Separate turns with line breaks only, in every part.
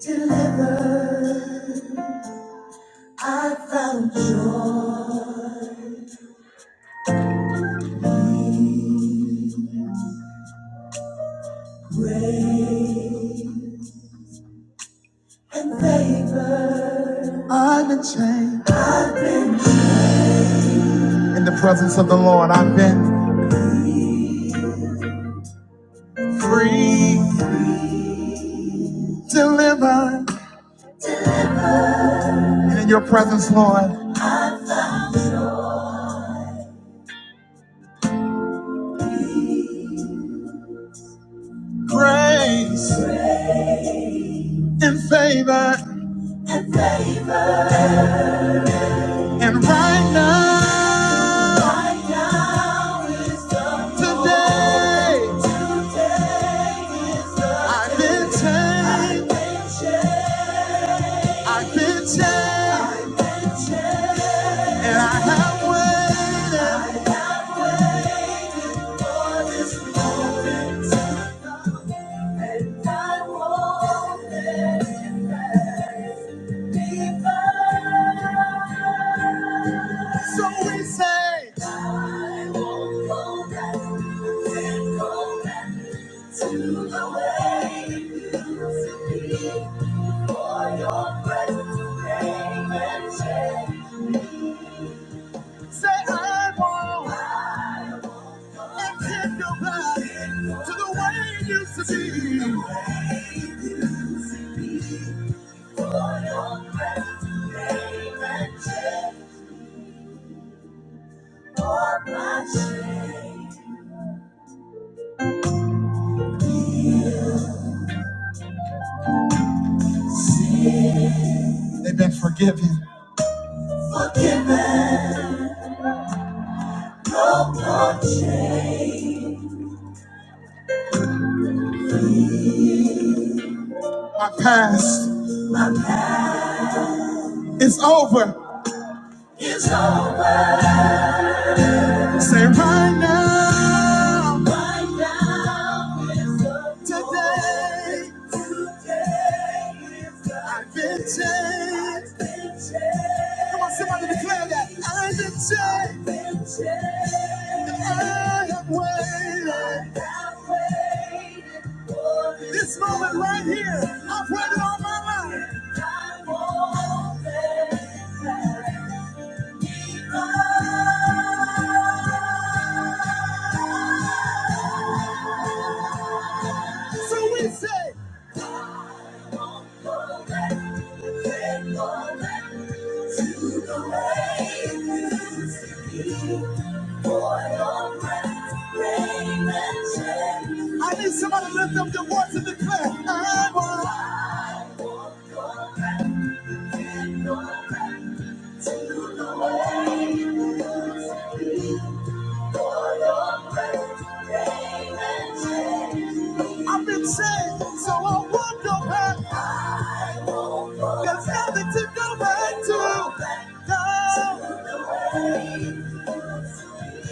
Deliver, I found you. I'm in chains. In the presence of the Lord, I've been free, delivered. And in your presence, Lord, grace and favor. And right now, today, I've been changed. I've been changed. And I have waited. I this moment, I won't let it be burned. So we say, go back, go back to the way it used to be. For your presence came and changed me. say I want and can go back to the way it used to be. To the way it used to be. For your presence came and changed for my shame. They've been forgiven. Forgiven. For change. My past is over. Say right now, right now is over. today, today is over. I've been changed. I've been changed. Come on, somebody declare that. I've been changed. I've been changed. And I have waited. I have waited. for This This moment right here, I've waited all my life. I've waited. So we say, I need somebody to lift up their voice and declare, I want to the way you speak for your grace, rain and shade. I've been saved, so I won't go back. There's nothing to go back to. No. To the way you used to be.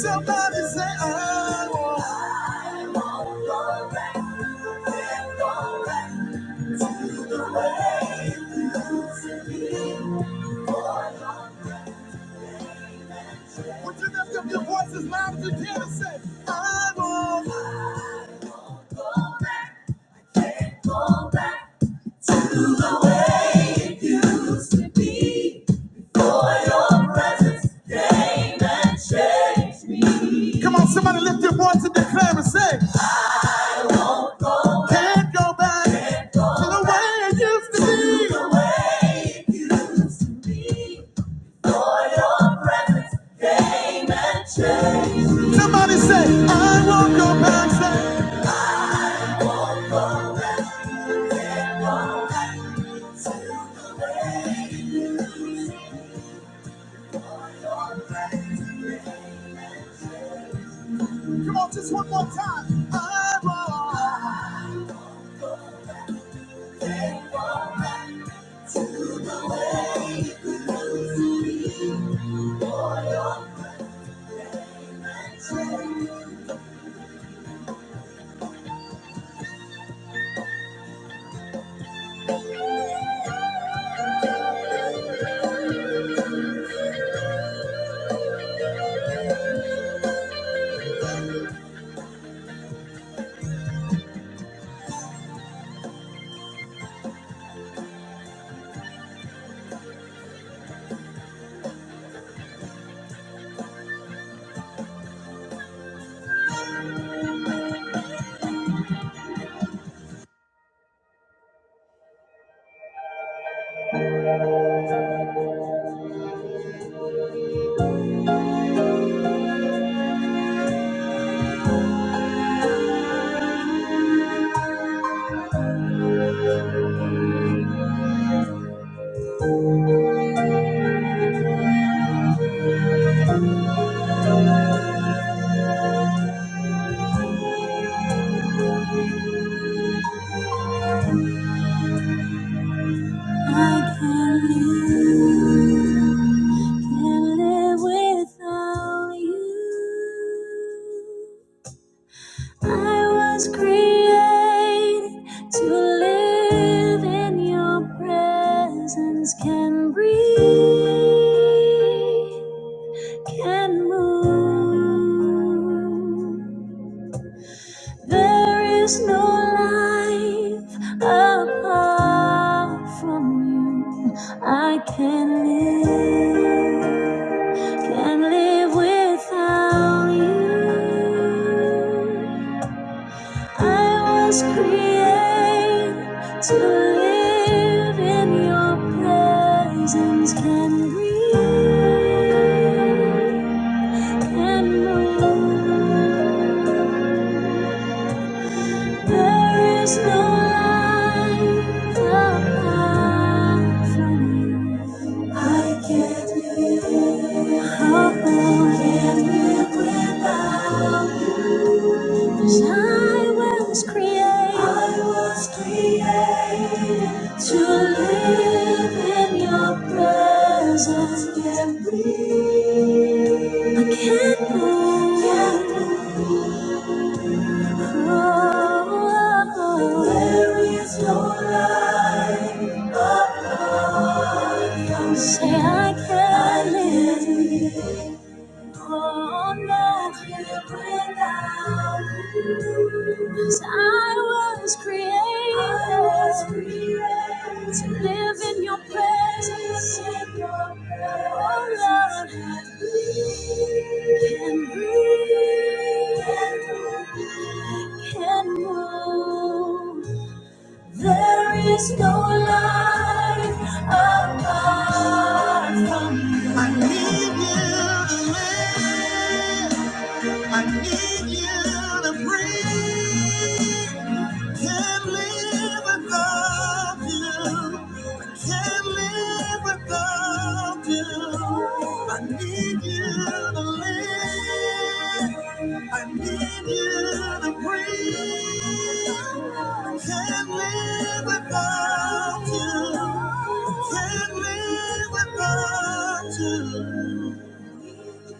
Somebody say, I want I want go back, then go back to the way it used to be. For your name and change. Would you lift up your voice as loud as you can and say, I want I Go back then go back to the way it used to be. Come on, somebody lift your voice and declare and say, Can't go back to the way it used to be. Somebody say, I won't go back. Say, come on, just one more time. I won't. I can't live. Can't live without you. I was created to live in your presence, can breathe, can move. There is no life apart from you. I can not live, can not live without you. I was created to live in your presence. Can breathe, can move. There is no life apart from you. I can't live. I can't live without you. 'Cause I was created. I was created to live in your presence. I can't breathe. I can't move. There is no life above. Don't Say I can't live. Oh, no hope without you. 'Cause I was created I was created to live in your presence. In your Oh, Lord, can breathe, can move. There is no life apart from you. I need you to live. I need you to breathe. Can't live without you. I can't live without you. I need you to live. I need you to breathe. I can't live without you. I can't live without you. Let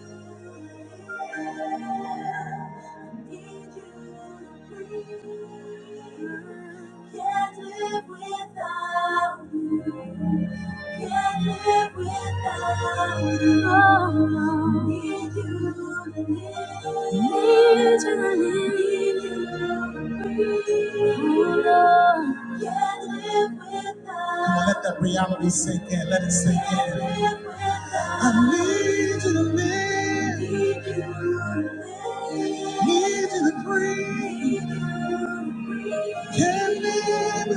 that reality sink in. Let it sink in. I Need to the man. Need to the breeze. I need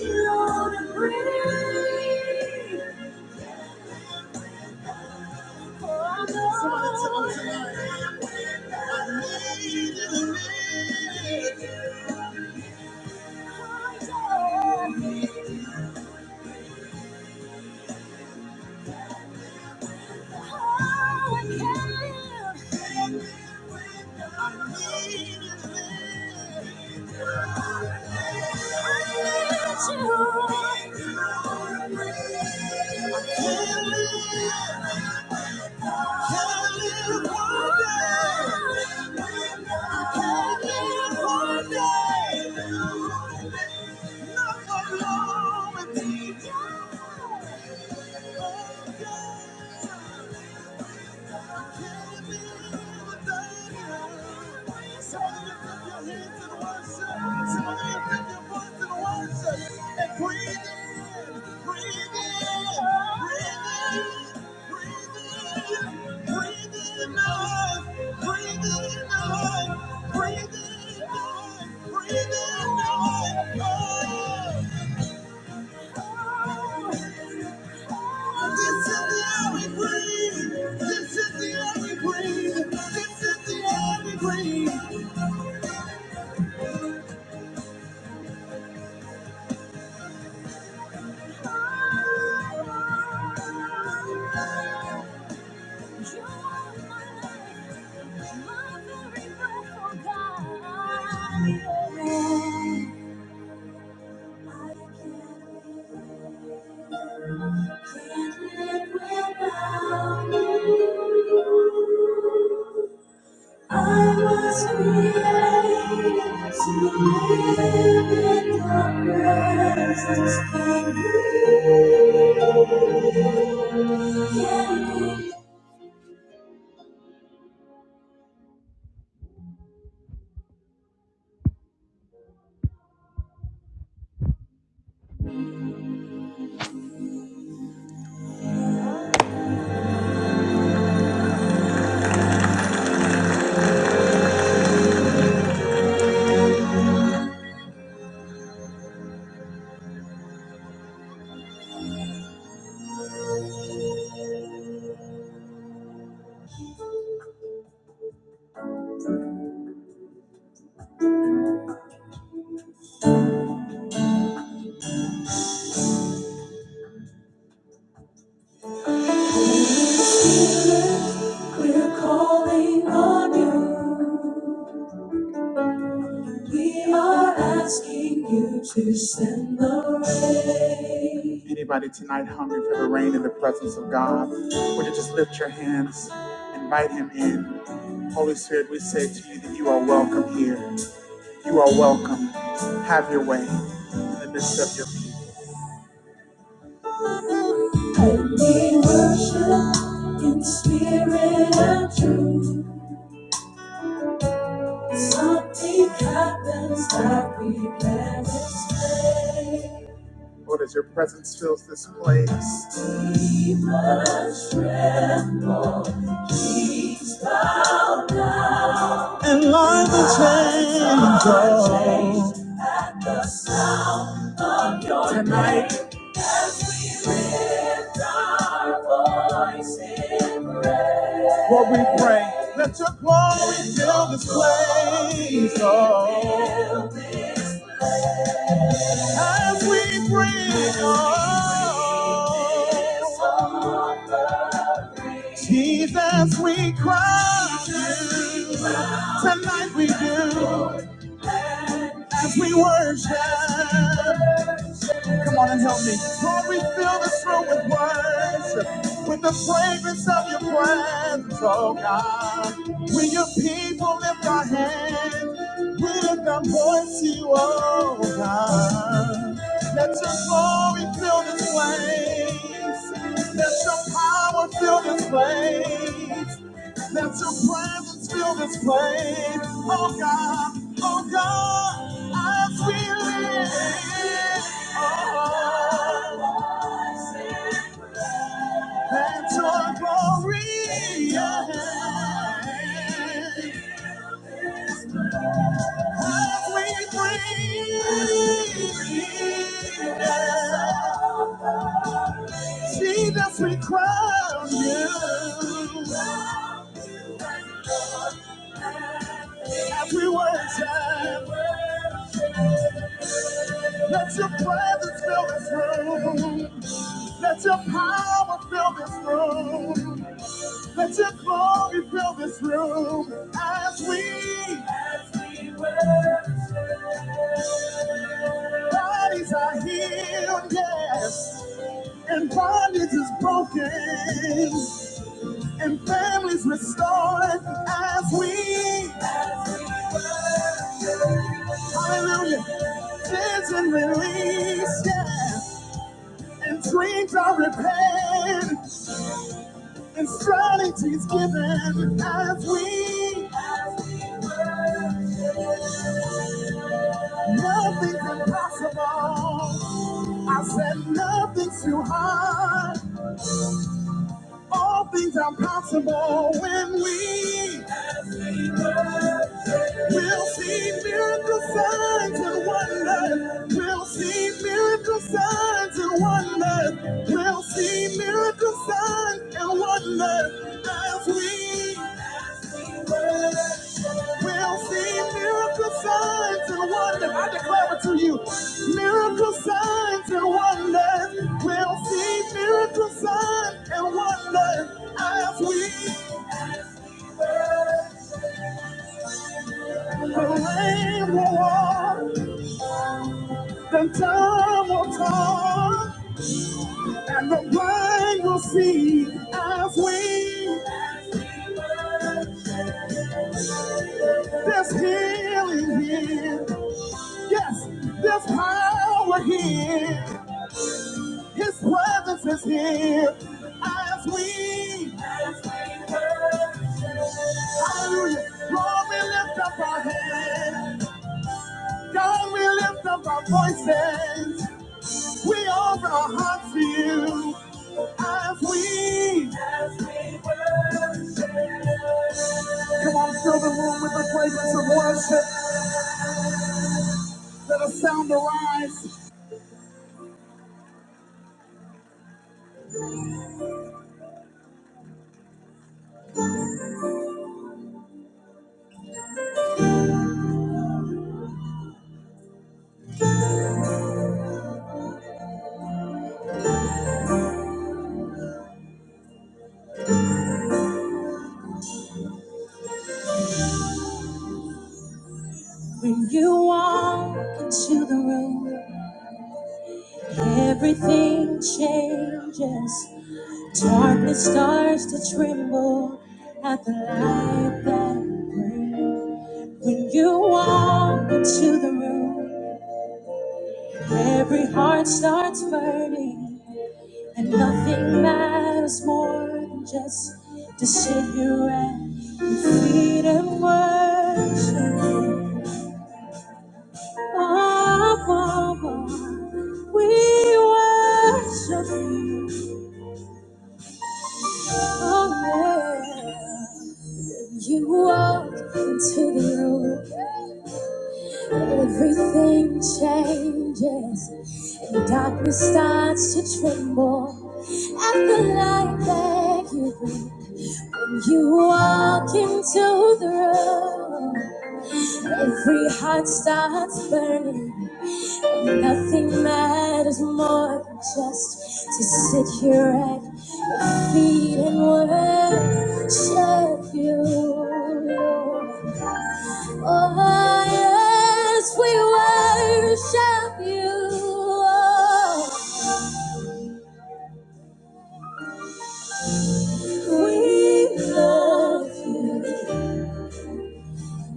you to breathe. Somebody tell them tonight. I need you, need you. I Thank you. Breathe in, breathe in, breathe in, breathe in, breathe in. This is the air we breathe. This is the air we breathe. This is the air we breathe. You can't, live without you. I was created to live in Your presence. Can you can you feel it? We're calling on you. We are asking you to send the rain. Anybody tonight hungry for the rain in the presence of God? Would you just lift your hands? Invite him in. Holy Spirit, we say to you that you are welcome here. You are welcome. Have your way in the midst of your people. I need worship in spirit and truth. Something happens that we can not explain. Lord, as your presence fills this place, keep us tremble, keep us bound. And life will change tonight. What we pray, let your glory fill this place. Oh, as we bring, oh, Jesus, we cry. Tonight we do as we worship. Come on and help me. Lord, we fill this room with worship, with the fragrance of your presence, oh God. We your people lift our hands, we lift our voice to you, oh God. Let your glory fill this place, let your power fill this place. Let your presence fill this place. Oh God, oh God, as we live. Oh, let your glory yeah, as we breathe. Yeah. Jesus, we crown you as we worship. Let your presence fill this room. Let your power fill this room. Let your glory fill this room. As we bodies are healed, yes. And bondage is broken. And families restored. As we, hallelujah, cleanse and release, yes. And dreams are repaired. And strategies given. As we, nothing's impossible. I said nothing's too hard. All things are possible when we will see miracle signs and wonders. We'll see miracle signs and wonders. We'll see miracle signs and wonders as we pray. We'll see miracle signs and wonders. I declare it to you. Miracle signs and wonders. We'll see miracle signs and wonders as we the rain will walk, the time will talk, and the blind will see as we there's healing here. Yes, there's power here. His presence is here as we, as we worship. Hallelujah. Lord, we lift up our hands. God, we lift up our voices. We offer our hearts to you as we. Come on, fill the room with the fragrance of worship. Let us sound arise. When you walk into the room, everything changes. Darkness starts to tremble at the light that you bring. When you walk into the room, every heart starts burning, and nothing matters more than just to sit here at your feet and worship. you. Oh, oh, oh. we worship you. Oh, yeah. You walk into the room, everything changes, and darkness starts to tremble at the light that you bring. When you walk into the room, every heart starts burning. Nothing matters more than just to sit here at your feet and worship you. Lord. Oh, yes, we worship you. We love you.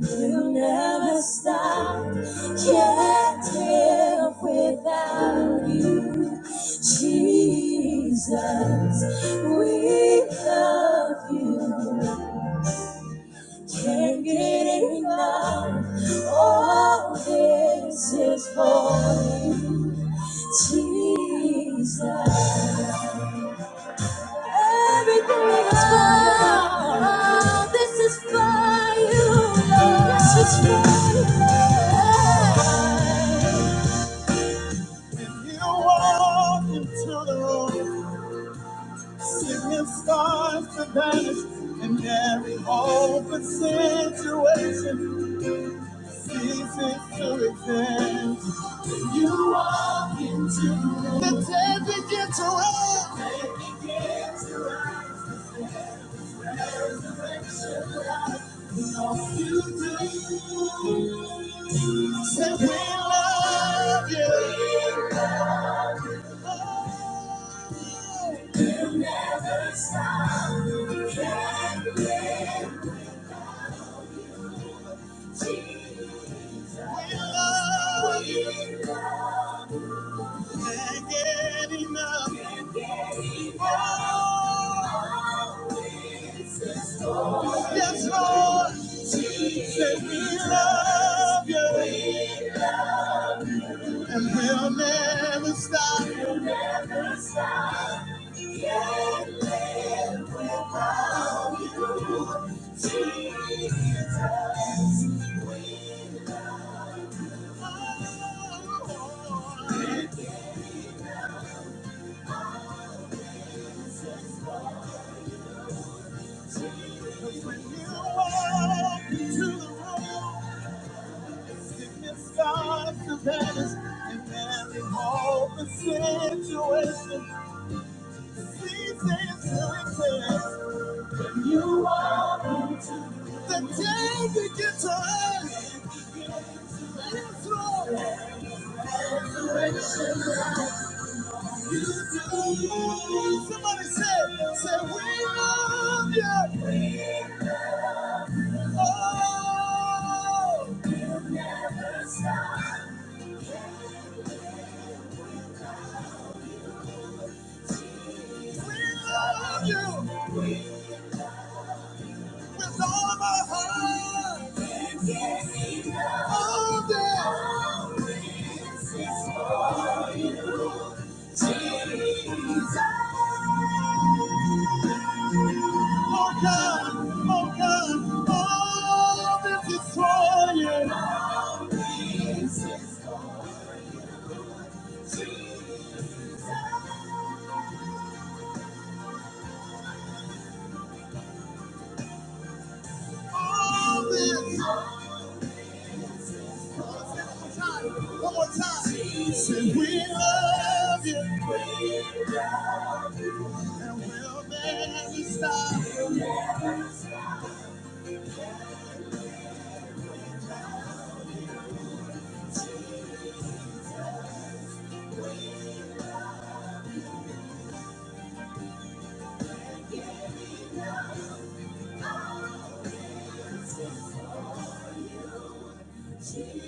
You never stop. Can't live without you. Jesus, we love you. Can't get enough. All this is for you. Jesus. Everything is for you. This is for you, Lord. This is for you, If you walk into the room, sickness starts to vanish, and every open situation ceases to exist. If you walk into the room, the dead begin to rise. No future. Said we love you. We'll never stop. Can't We will love you. Can't get enough. Yes, Lord. Said we love you. And we'll never stop. When you walk into the room, sickness starts to vanish. And every hope in situation. The day we get to earth, yes, you do. Somebody say, say, we love you. Oh, you never stop. we love you with all of our heart. All day. Jesus. Oh God, oh God, all this is destroying. All this. is all this. One more time. Jesus, we love you. And we'll never stop.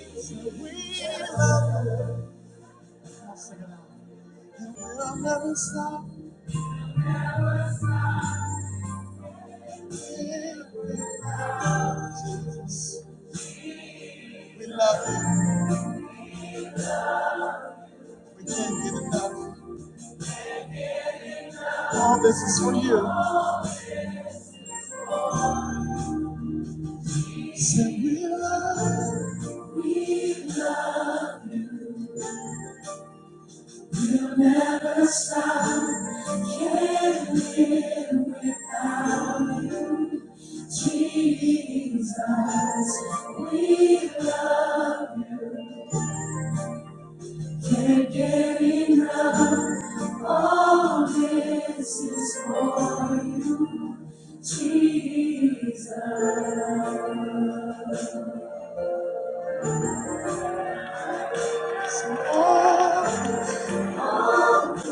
We love you. And we'll never stop. Jesus, we love you. We can't get enough. All this is for you. Say we love you. Jesus, we love can't get enough. Jesus,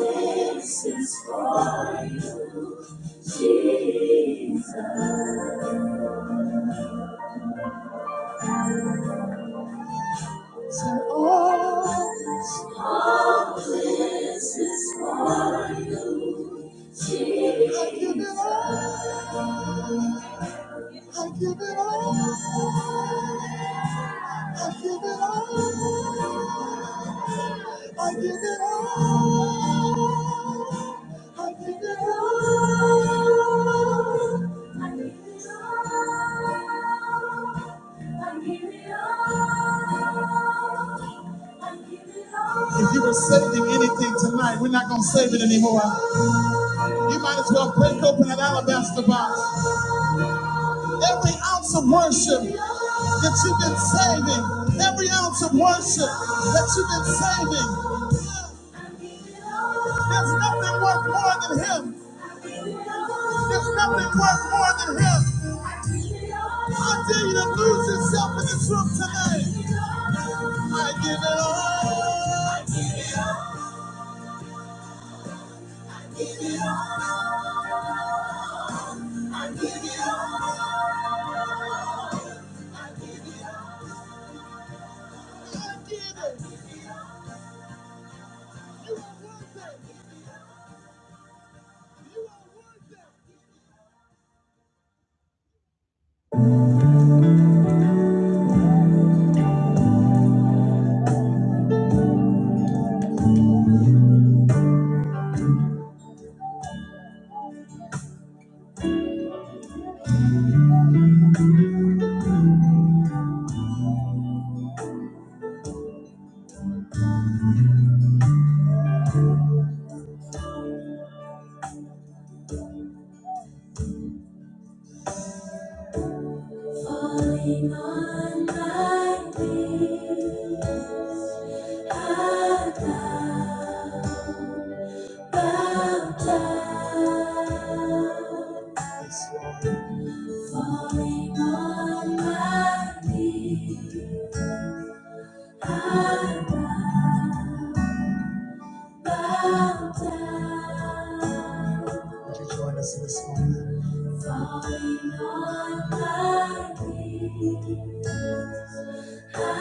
this is for Jesus. And all I give it all, I give it all, I give it all, I give it all, I give it all. I give it all. If you were saving anything tonight, we're not going to save it anymore. You might as well break open an alabaster box. Every ounce of worship that you've been saving, every ounce of worship that you've been saving, there's nothing worth more than Him. There's nothing worth more than Him. I dare you to lose yourself in this room tonight. I give it all. I give it. You are worth You are worth Falling on my knees, I bow, bow down. Falling on my knees, I bow, bow down. Would you join us in this moment? Falling on my knees, I bow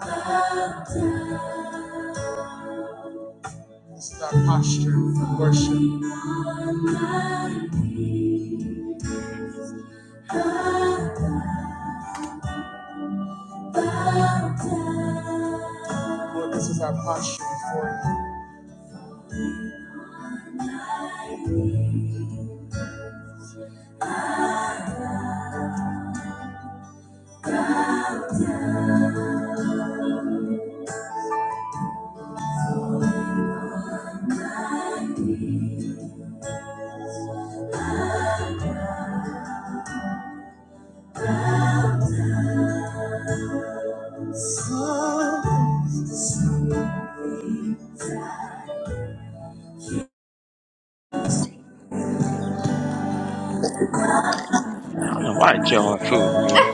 bow down. This is our posture. Falling on my knees, I bow bow down. Lord, this is our posture before you. On my knees, bow down.
Amen. I don't know why joy food me.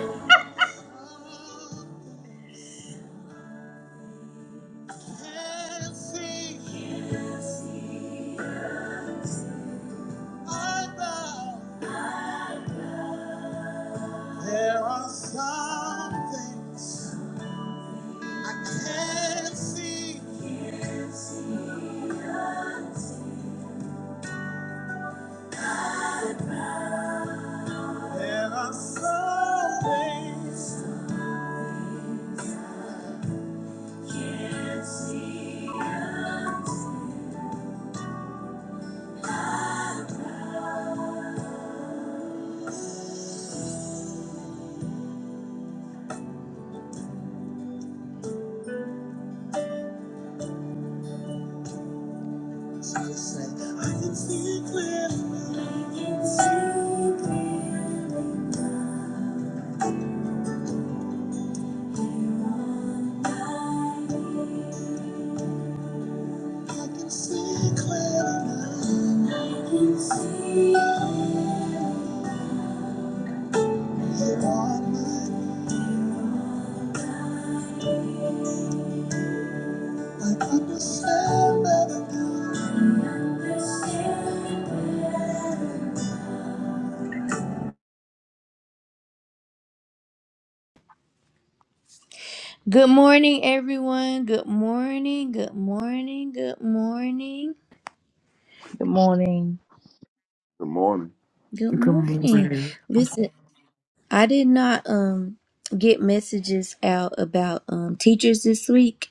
Oh, can see, I know there are some things I can't see. There are some things can Jesus said, I can see clearly. I can see clearly You are my I can see clearly now. I can see You're on I understand better now. I understand better. Good morning, everyone. Good morning. Good morning. Good morning.
Good morning.
Good morning.
Good
Good
morning.
morning.
Listen. I did not um get messages out about um teachers this week.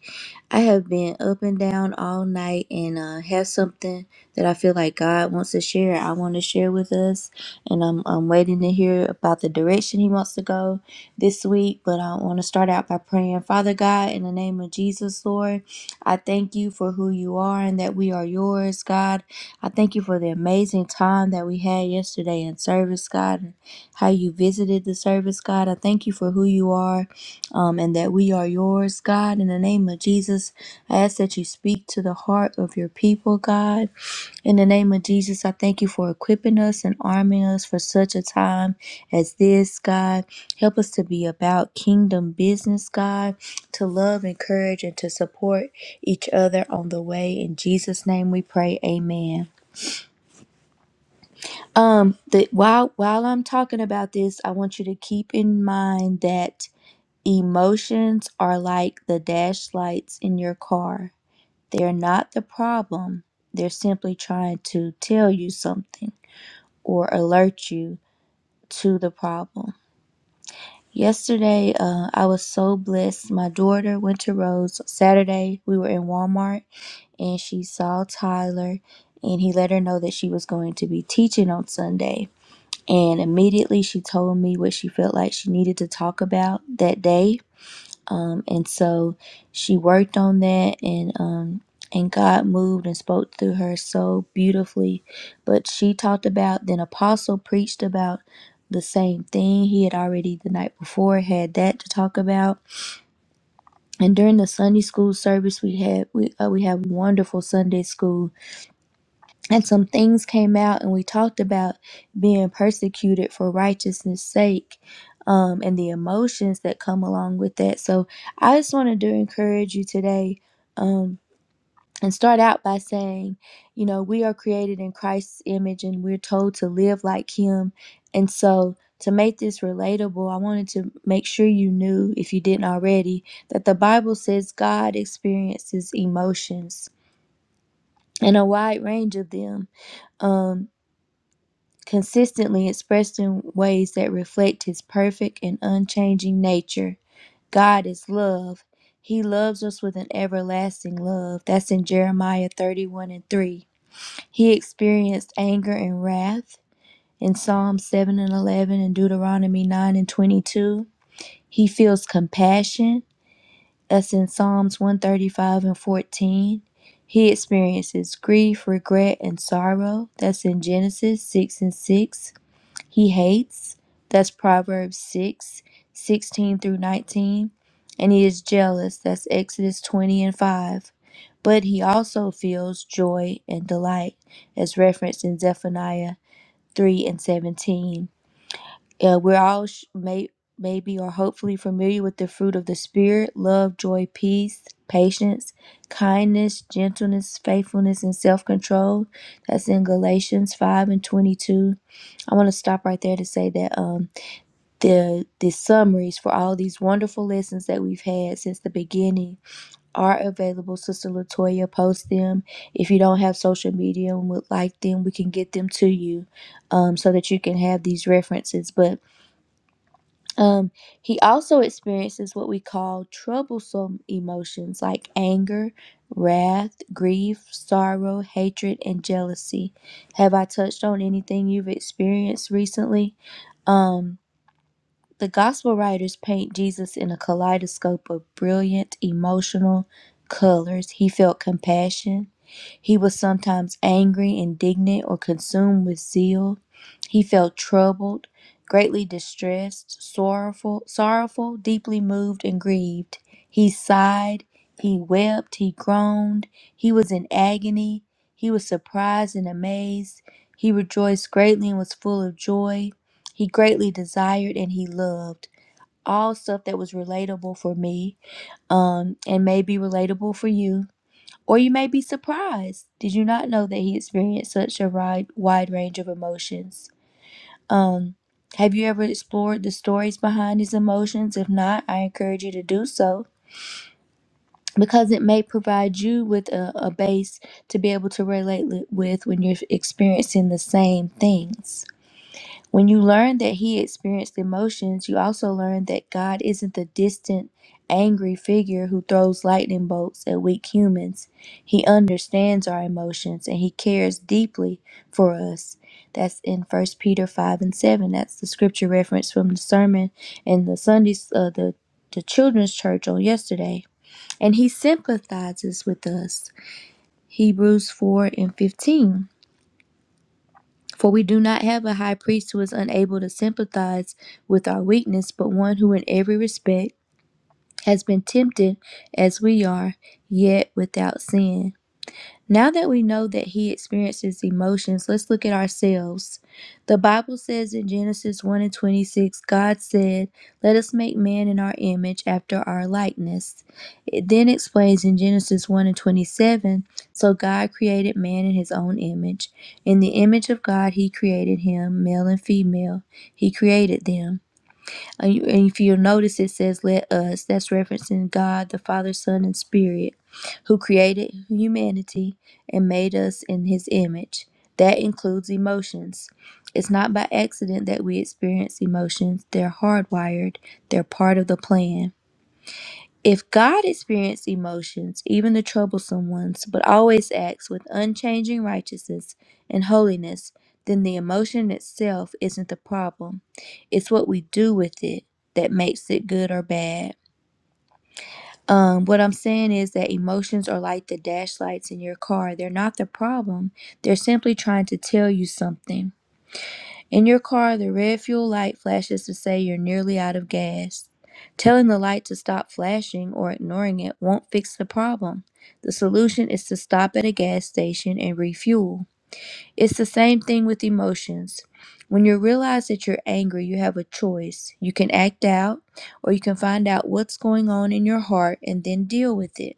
I have been up and down all night and uh have something that I feel like God wants to share. I want to share with us and I'm I'm waiting to hear about the direction he wants to go this week, but I want to start out by praying, Father God, in the name of Jesus, Lord, I thank you for who you are and that we are yours, God. I thank you for the amazing time that we had yesterday in service, God how you visited the service, God. I thank you for who you are um, and that we are yours, God. In the name of Jesus, I ask that you speak to the heart of your people, God. In the name of Jesus, I thank you for equipping us and arming us for such a time as this, God. Help us to be about kingdom business, God, to love, encourage, and to support each other on the way. In Jesus' name we pray, amen. Um, that while while I'm talking about this, I want you to keep in mind that emotions are like the dash lights in your car. They're not the problem. They're simply trying to tell you something or alert you to the problem. Yesterday, uh, I was so blessed. My daughter went to Rose Saturday. We were in Walmart and she saw Tyler, and he let her know that she was going to be teaching on Sunday And immediately she told me what she felt like she needed to talk about that day. Um, and so she worked on that and um, and God moved and spoke through her so beautifully. But she talked about then apostle preached about the same thing he had already the night before had that to talk about. And during the Sunday school service we had we uh, we had wonderful Sunday school and some things came out and we talked about being persecuted for righteousness sake um, and the emotions that come along with that so i just wanted to encourage you today um, and start out by saying you know we are created in christ's image and we're told to live like him and so to make this relatable i wanted to make sure you knew if you didn't already that the bible says god experiences emotions and a wide range of them Um, consistently expressed in ways that reflect his perfect and unchanging nature. God is love. He loves us with an everlasting love. That's in Jeremiah 31 and 3. He experienced anger and wrath in Psalm 7 and 11 and Deuteronomy 9 and 22. He feels compassion. That's in Psalms 135 and 14. He experiences grief, regret, and sorrow. That's in Genesis 6 and 6 he hates. That's Proverbs 6 16 through 19. And he is jealous. That's Exodus 20 and 5. But he also feels joy and delight, as referenced in Zephaniah 3 and 17. Uh, we're all sh- may- maybe or hopefully familiar with the fruit of the Spirit love, joy, peace, patience, kindness, gentleness, faithfulness, and self control. That's in Galatians 5 and 22. I want to stop right there to say that. Um, the the summaries for all these wonderful lessons that we've had since the beginning are available. Sister Latoya, post them. If you don't have social media and would like them, we can get them to you, um, so that you can have these references. But um, he also experiences what we call troublesome emotions like anger, wrath, grief, sorrow, hatred, and jealousy. Have I touched on anything you've experienced recently? Um, the gospel writers paint Jesus in a kaleidoscope of brilliant emotional colors. He felt compassion. He was sometimes angry, indignant, or consumed with zeal. He felt troubled, greatly distressed, sorrowful, sorrowful, deeply moved and grieved. He sighed, he wept, he groaned, he was in agony, he was surprised and amazed, he rejoiced greatly and was full of joy. He greatly desired and he loved. All stuff that was relatable for me, um, and may be relatable for you. Or you may be surprised. Did you not know that he experienced such a wide, wide range of emotions? Um, have you ever explored the stories behind these emotions? If not, I encourage you to do so because it may provide you with a, a base to be able to relate li- with when you're experiencing the same things. When you learn that he experienced emotions, you also learn that God isn't the distant, angry figure who throws lightning bolts at weak humans. He understands our emotions and he cares deeply for us. That's in First Peter 5 and 7. That's the scripture reference from the sermon in the Sundays, uh, the, the children's church on yesterday. And he sympathizes with us. Hebrews 4 and 15. For we do not have a high priest who is unable to sympathize with our weakness, but one who in every respect has been tempted as we are, yet without sin. Now that we know that he experiences emotions, let's look at ourselves. The Bible says in Genesis 1 and 26, God said, Let us make man in our image after our likeness. It then explains in Genesis 1 and 27, So God created man in his own image. In the image of God, he created him, male and female. He created them. And you- and if you notice, it says, Let us. That's referencing God, the Father, Son, and Spirit, who created humanity and made us in His image. That includes emotions. It's not by accident that we experience emotions, they're hardwired, they're part of the plan. If God experienced emotions, even the troublesome ones, but always acts with unchanging righteousness and holiness, then the emotion itself isn't the problem. It's what we do with it that makes it good or bad. Um, what I'm saying is that emotions are like the dash lights in your car. They're not the problem. They're simply trying to tell you something. In your car, the red fuel light flashes to say you're nearly out of gas. Telling the light to stop flashing or ignoring it won't fix the problem. The solution is to stop at a gas station and refuel. It's the same thing with emotions. When you realize that you're angry, you have a choice. You can act out, or you can find out what's going on in your heart and then deal with it.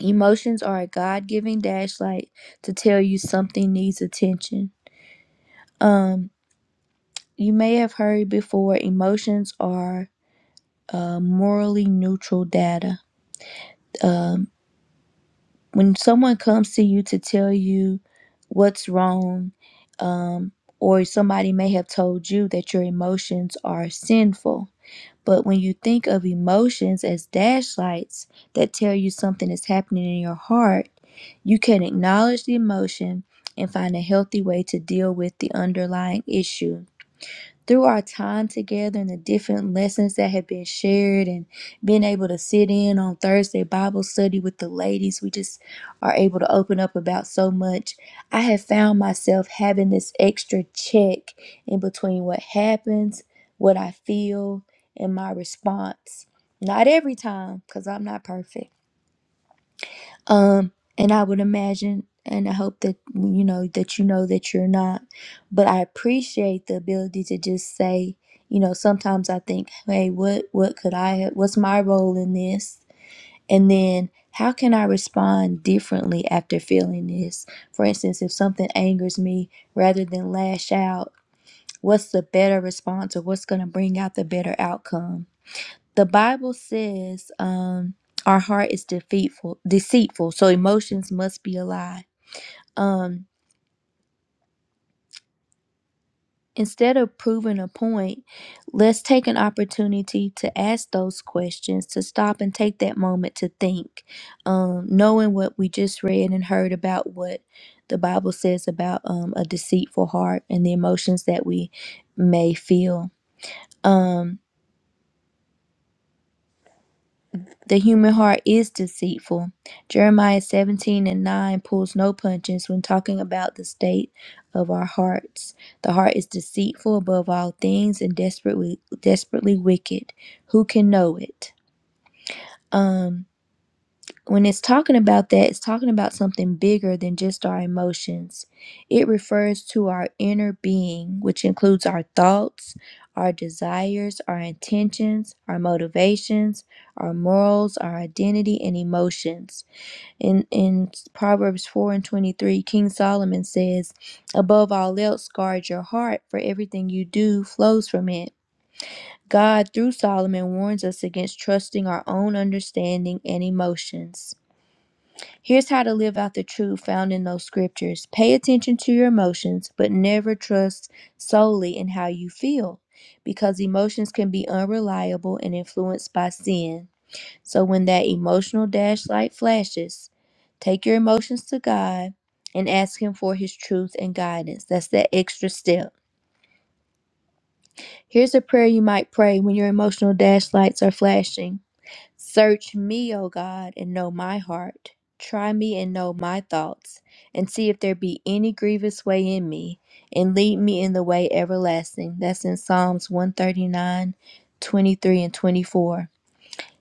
Emotions are a God-giving dashlight to tell you something needs attention. Um, You may have heard before emotions are uh, morally neutral data. Um, when someone comes to you to tell you what's wrong, um, or somebody may have told you that your emotions are sinful. But when you think of emotions as dashlights that tell you something is happening in your heart, you can acknowledge the emotion and find a healthy way to deal with the underlying issue through our time together and the different lessons that have been shared and being able to sit in on Thursday Bible study with the ladies, we just are able to open up about so much. I have found myself having this extra check in between what happens, what I feel, and my response. Not every time, because I'm not perfect um and i would imagine and i hope that you know that you know that you're not but i appreciate the ability to just say you know sometimes i think hey what what could i have what's my role in this and then how can i respond differently after feeling this for instance if something angers me rather than lash out what's the better response or what's going to bring out the better outcome the Bible says um, our heart is deceitful, deceitful, so emotions must be alive. Um, instead of proving a point, let's take an opportunity to ask those questions, to stop and take that moment to think, um, knowing what we just read and heard about what the Bible says about um, a deceitful heart and the emotions that we may feel. Um, The human heart is deceitful. Jeremiah 17 and 9 pulls no punches when talking about the state of our hearts. The heart is deceitful above all things and desperately desperately wicked. Who can know it? Um when it's talking about that, it's talking about something bigger than just our emotions. It refers to our inner being, which includes our thoughts, our desires, our intentions, our motivations, our morals, our identity, and emotions. In in Proverbs 4 and 23, King Solomon says, Above all else, guard your heart, for everything you do flows from it. God, through Solomon, warns us against trusting our own understanding and emotions. Here's how to live out the truth found in those scriptures. Pay attention to your emotions, but never trust solely in how you feel, because emotions can be unreliable and influenced by sin. So when that emotional dash light flashes, take your emotions to God and ask Him for His truth and guidance. That's that extra step. Here's a prayer you might pray when your emotional dash lights are flashing. Search me, O God, and know my heart. Try me and know my thoughts, and see if there be any grievous way in me, and lead me in the way everlasting. That's in Psalms one thirty nine, twenty three, and 24.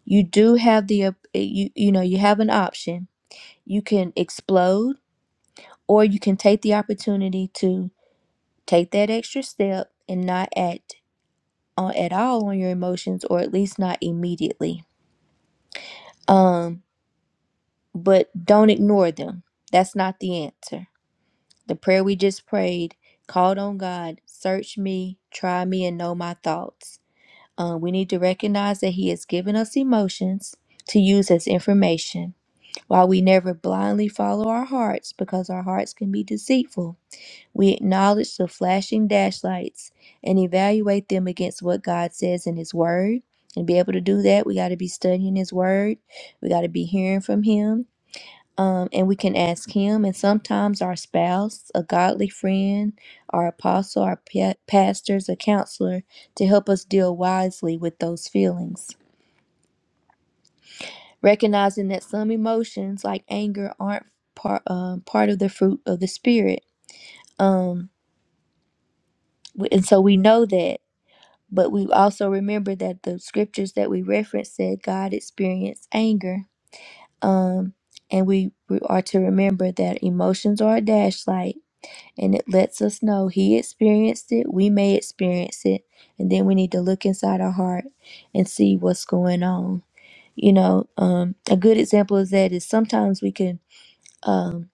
You do have the op- eh, you you know, you have an option. You can explode or you can take the opportunity to take that extra step and not act on at all on your emotions or at least not immediately. Um but don't ignore them. That's not the answer. The prayer we just prayed called on God, search me, try me, and know my thoughts. Uh, we need to recognize that He has given us emotions to use as information. While we never blindly follow our hearts because our hearts can be deceitful, we acknowledge the flashing dashlights and evaluate them against what God says in His Word. And be able to do that, we got to be studying His Word, we got to be hearing from Him um, and we can ask him and sometimes our spouse a godly friend our apostle our pa- pastors a counselor to help us deal wisely with those feelings recognizing that some emotions like anger aren't part, um, part of the fruit of the spirit um, w- and so we know that but we also remember that the scriptures that we referenced said god experienced anger um, and we, we are to remember that emotions are a dashlight and it lets us know he experienced it, we may experience it, and then we need to look inside our heart and see what's going on. You know, um, a good example is that is sometimes we can um,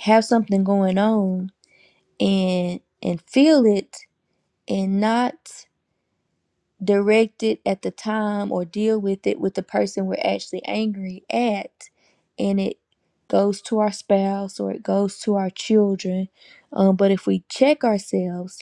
have something going on and and feel it and not direct it at the time or deal with it with the person we're actually angry at, and it goes to our spouse or it goes to our children. Um, but if we check ourselves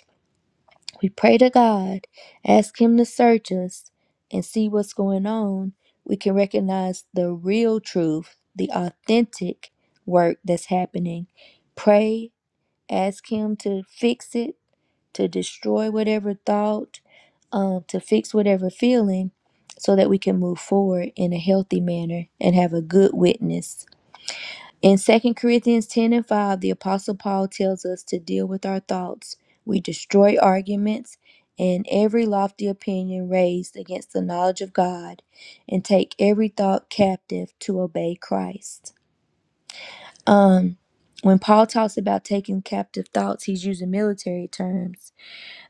We pray to God, ask Him to search us and see what's going on. We can recognize the real truth, the authentic work that's happening. Pray, ask Him to fix it, to destroy whatever thought, um, to fix whatever feeling, so that we can move forward in a healthy manner and have a good witness. In Second Corinthians 10 and 5, the Apostle Paul tells us to deal with our thoughts. We destroy arguments and every lofty opinion raised against the knowledge of God and take every thought captive to obey Christ. Um, when Paul talks about taking captive thoughts, he's using military terms.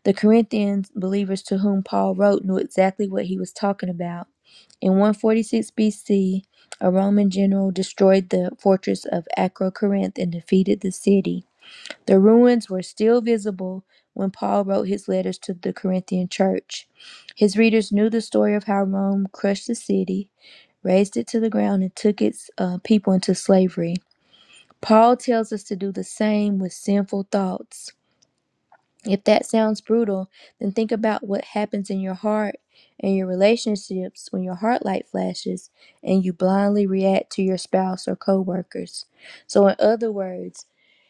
The Corinthian believers to whom Paul wrote knew exactly what he was talking about. In 146 BC, a Roman general destroyed the fortress of Acrocorinth and defeated the city. The ruins were still visible when Paul wrote his letters to the Corinthian church. His readers knew the story of how Rome crushed the city, razed it to the ground, and took its uh, people into slavery. Paul tells us to do the same with sinful thoughts. If that sounds brutal, then think about what happens in your heart and your relationships when your heart light flashes and you blindly react to your spouse or coworkers. So in other words,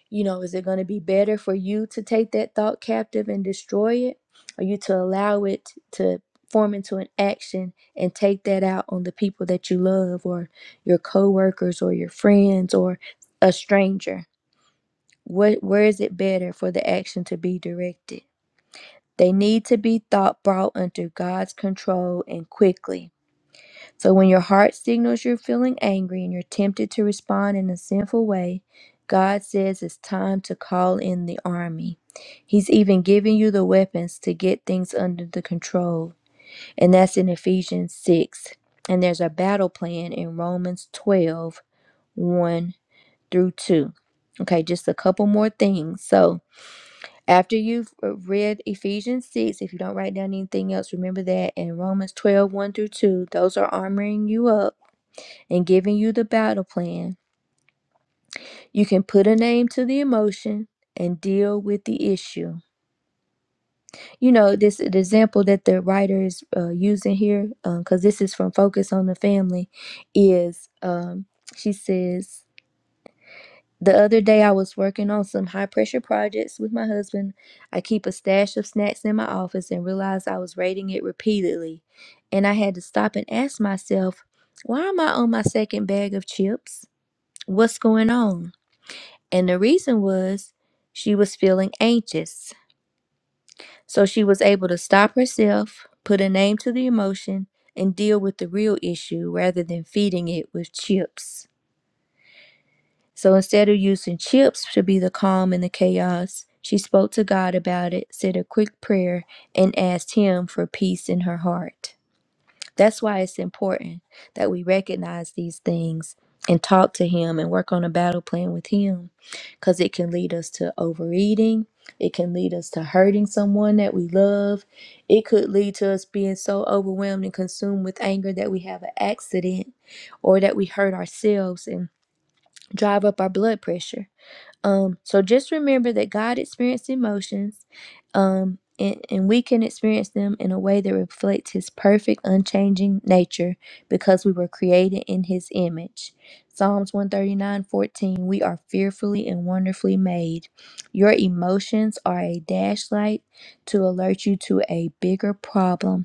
you know, is it going to be better for you to take that thought captive and destroy it or you to allow it to form into an action and take that out on the people that you love or your coworkers or your friends or a stranger? What where is it better for the action to be directed? They need to be thought brought under God's control and quickly. So when your heart signals you're feeling angry and you're tempted to respond in a sinful way, God says it's time to call in the army. He's even giving you the weapons to get things under the control. And that's in Ephesians 6. And there's a battle plan in Romans 12, 1 through 2. Okay, just a couple more things. So after you've uh, read Ephesians 6, if you don't write down anything else, remember that. And Romans twelve one through 2, those are armoring you up and giving you the battle plan. You can put a name to the emotion and deal with the issue. You know, this the example that the writer is uh, using here, because this is from Focus on the Family, is um, she says, The other day, I was working on some high pressure projects with my husband. I keep a stash of snacks in my office and realized I was raiding it repeatedly. And I had to stop and ask myself, why am I on my second bag of chips? What's going on? And the reason was she was feeling anxious. So she was able to stop herself, put a name to the emotion, and deal with the real issue rather than feeding it with chips. So instead of using chips to be the calm in the chaos, she spoke to God about it, said a quick prayer, and asked Him for peace in her heart. That's why it's important that we recognize these things and talk to Him and work on a battle plan with Him because it can lead us to overeating. It can lead us to hurting someone that we love. It could lead to us being so overwhelmed and consumed with anger that we have an accident or that we hurt ourselves and drive up our blood pressure. Um, so just remember that God experienced emotions, um, and, and we can experience them in a way that reflects His perfect, unchanging nature because we were created in His image. Psalms one thirty nine fourteen we are fearfully and wonderfully made. Your emotions are a dashlight to alert you to a bigger problem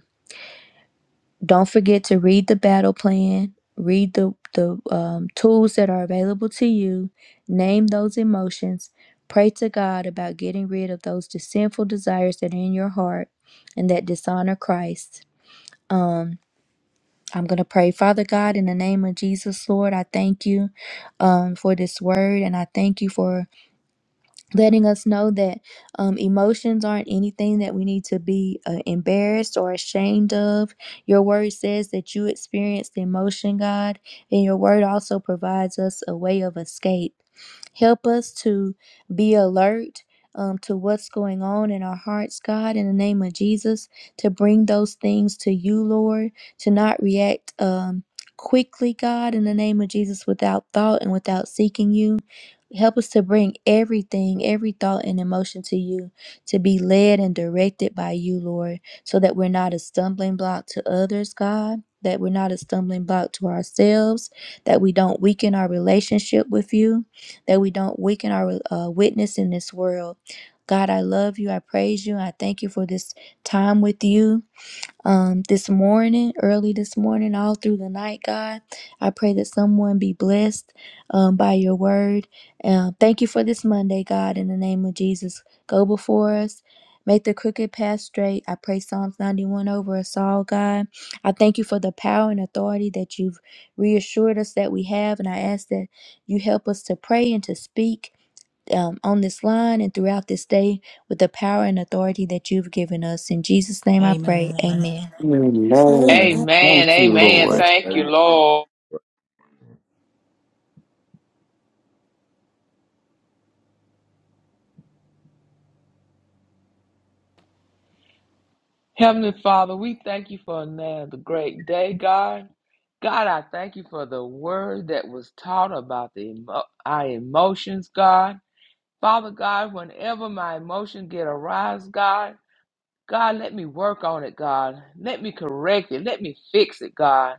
don't forget to read the battle plan, read the, the um, tools that are available to you, name those emotions, pray to God about getting rid of those sinful desires that are in your heart and that dishonor Christ. Um, I'm going to pray, Father God, in the name of Jesus, Lord, I thank you um, for this word and I thank you for letting us know that um, emotions aren't anything that we need to be uh, embarrassed or ashamed of. Your word says that you experienced emotion, God, and your word also provides us a way of escape. Help us to be alert um, to what's going on in our hearts, God, in the name of Jesus, to bring those things to you, Lord, to not react um, quickly, God, in the name of Jesus, without thought and without seeking you. Help us to bring everything, every thought and emotion to you, to be led and directed by you, Lord, so that we're not a stumbling block to others, God, that we're not a stumbling block to ourselves, that we don't weaken our relationship with you that we don't weaken our uh, witness in this world. God, I love you. I praise you. I thank you for this time with you um, this morning, early this morning, all through the night, God. I pray that someone be blessed um, by your word. Um, thank you for this Monday, God, in the name of Jesus. Go before us. Make the crooked path straight. I pray Psalms 91 over us all, God. I thank you for the power and authority that you've reassured us that we have. And I ask that you help us to pray and to speak um, on this line and throughout this day with the power and authority that you've given us. In Jesus' name I pray.
Amen.
Amen.
Amen.
Amen.
Amen.
Thank you,
Amen.
Thank-
Lord.
Thank you,
Amen.
Lord. Heavenly Father, we thank you for another great day, God. God, I thank you for the word that was taught about the emo- our emotions, God. Father God, whenever my emotions get aroused, God. God, let me work on it, God. Let me correct it. Let me fix it, God.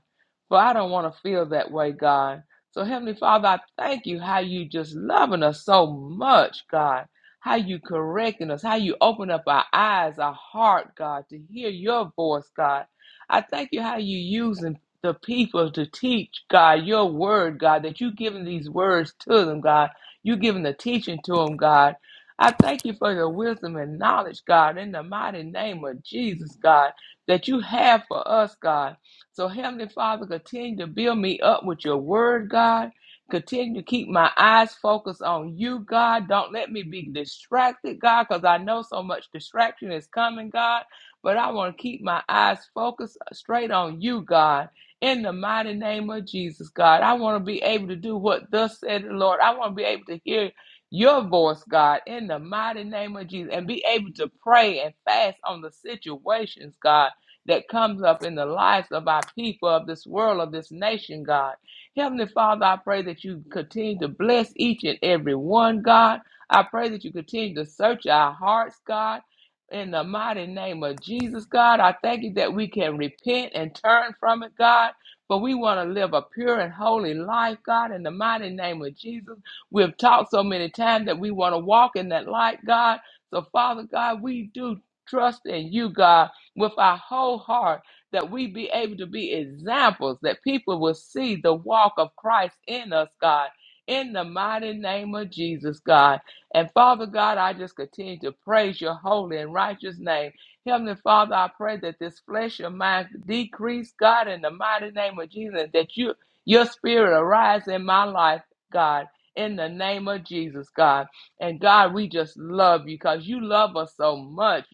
For I don't want to feel that way, God. So, Heavenly Father, I thank you how you just loving us so much, God. How you correcting us, how you open up our eyes, our heart, God, to hear your voice, God. I thank you how you using the people to teach, God, your word, God, that you giving these words to them, God. You giving the teaching to them, God I thank you for your wisdom and knowledge, God, in the mighty name of Jesus, God, that you have for us, God. So, Heavenly Father, continue to build me up with your word, God. Continue to keep my eyes focused on you, God. Don't let me be distracted, God, because I know so much distraction is coming, God. But I want to keep my eyes focused uh, straight on you, God. In the mighty name of Jesus, God, I want to be able to do what thus said the Lord. I want to be able to hear your voice, God, in the mighty name of Jesus, and be able to pray and fast on the situations, God, that comes up in the lives of our people, of this world, of this nation, God. Heavenly Father, I pray that you continue to bless each and every one, God. I pray that you continue to search our hearts, God. In the mighty name of Jesus, God, I thank you that we can repent and turn from it, God. But we want to live a pure and holy life, God, in the mighty name of Jesus. We have talked so many times that we want to walk in that light, God. So, Father God, we do trust in you, God, with our whole heart that we be able to be examples, that people will see the walk of Christ in us, God. In the mighty name of Jesus, God. And Father God, I just continue to praise your holy and righteous name. Heavenly Father, I pray that this flesh of mine decrease, God, in the mighty name of Jesus, that you your spirit arise in my life, God in the name of Jesus, God. And God, we just love you because you love us so much.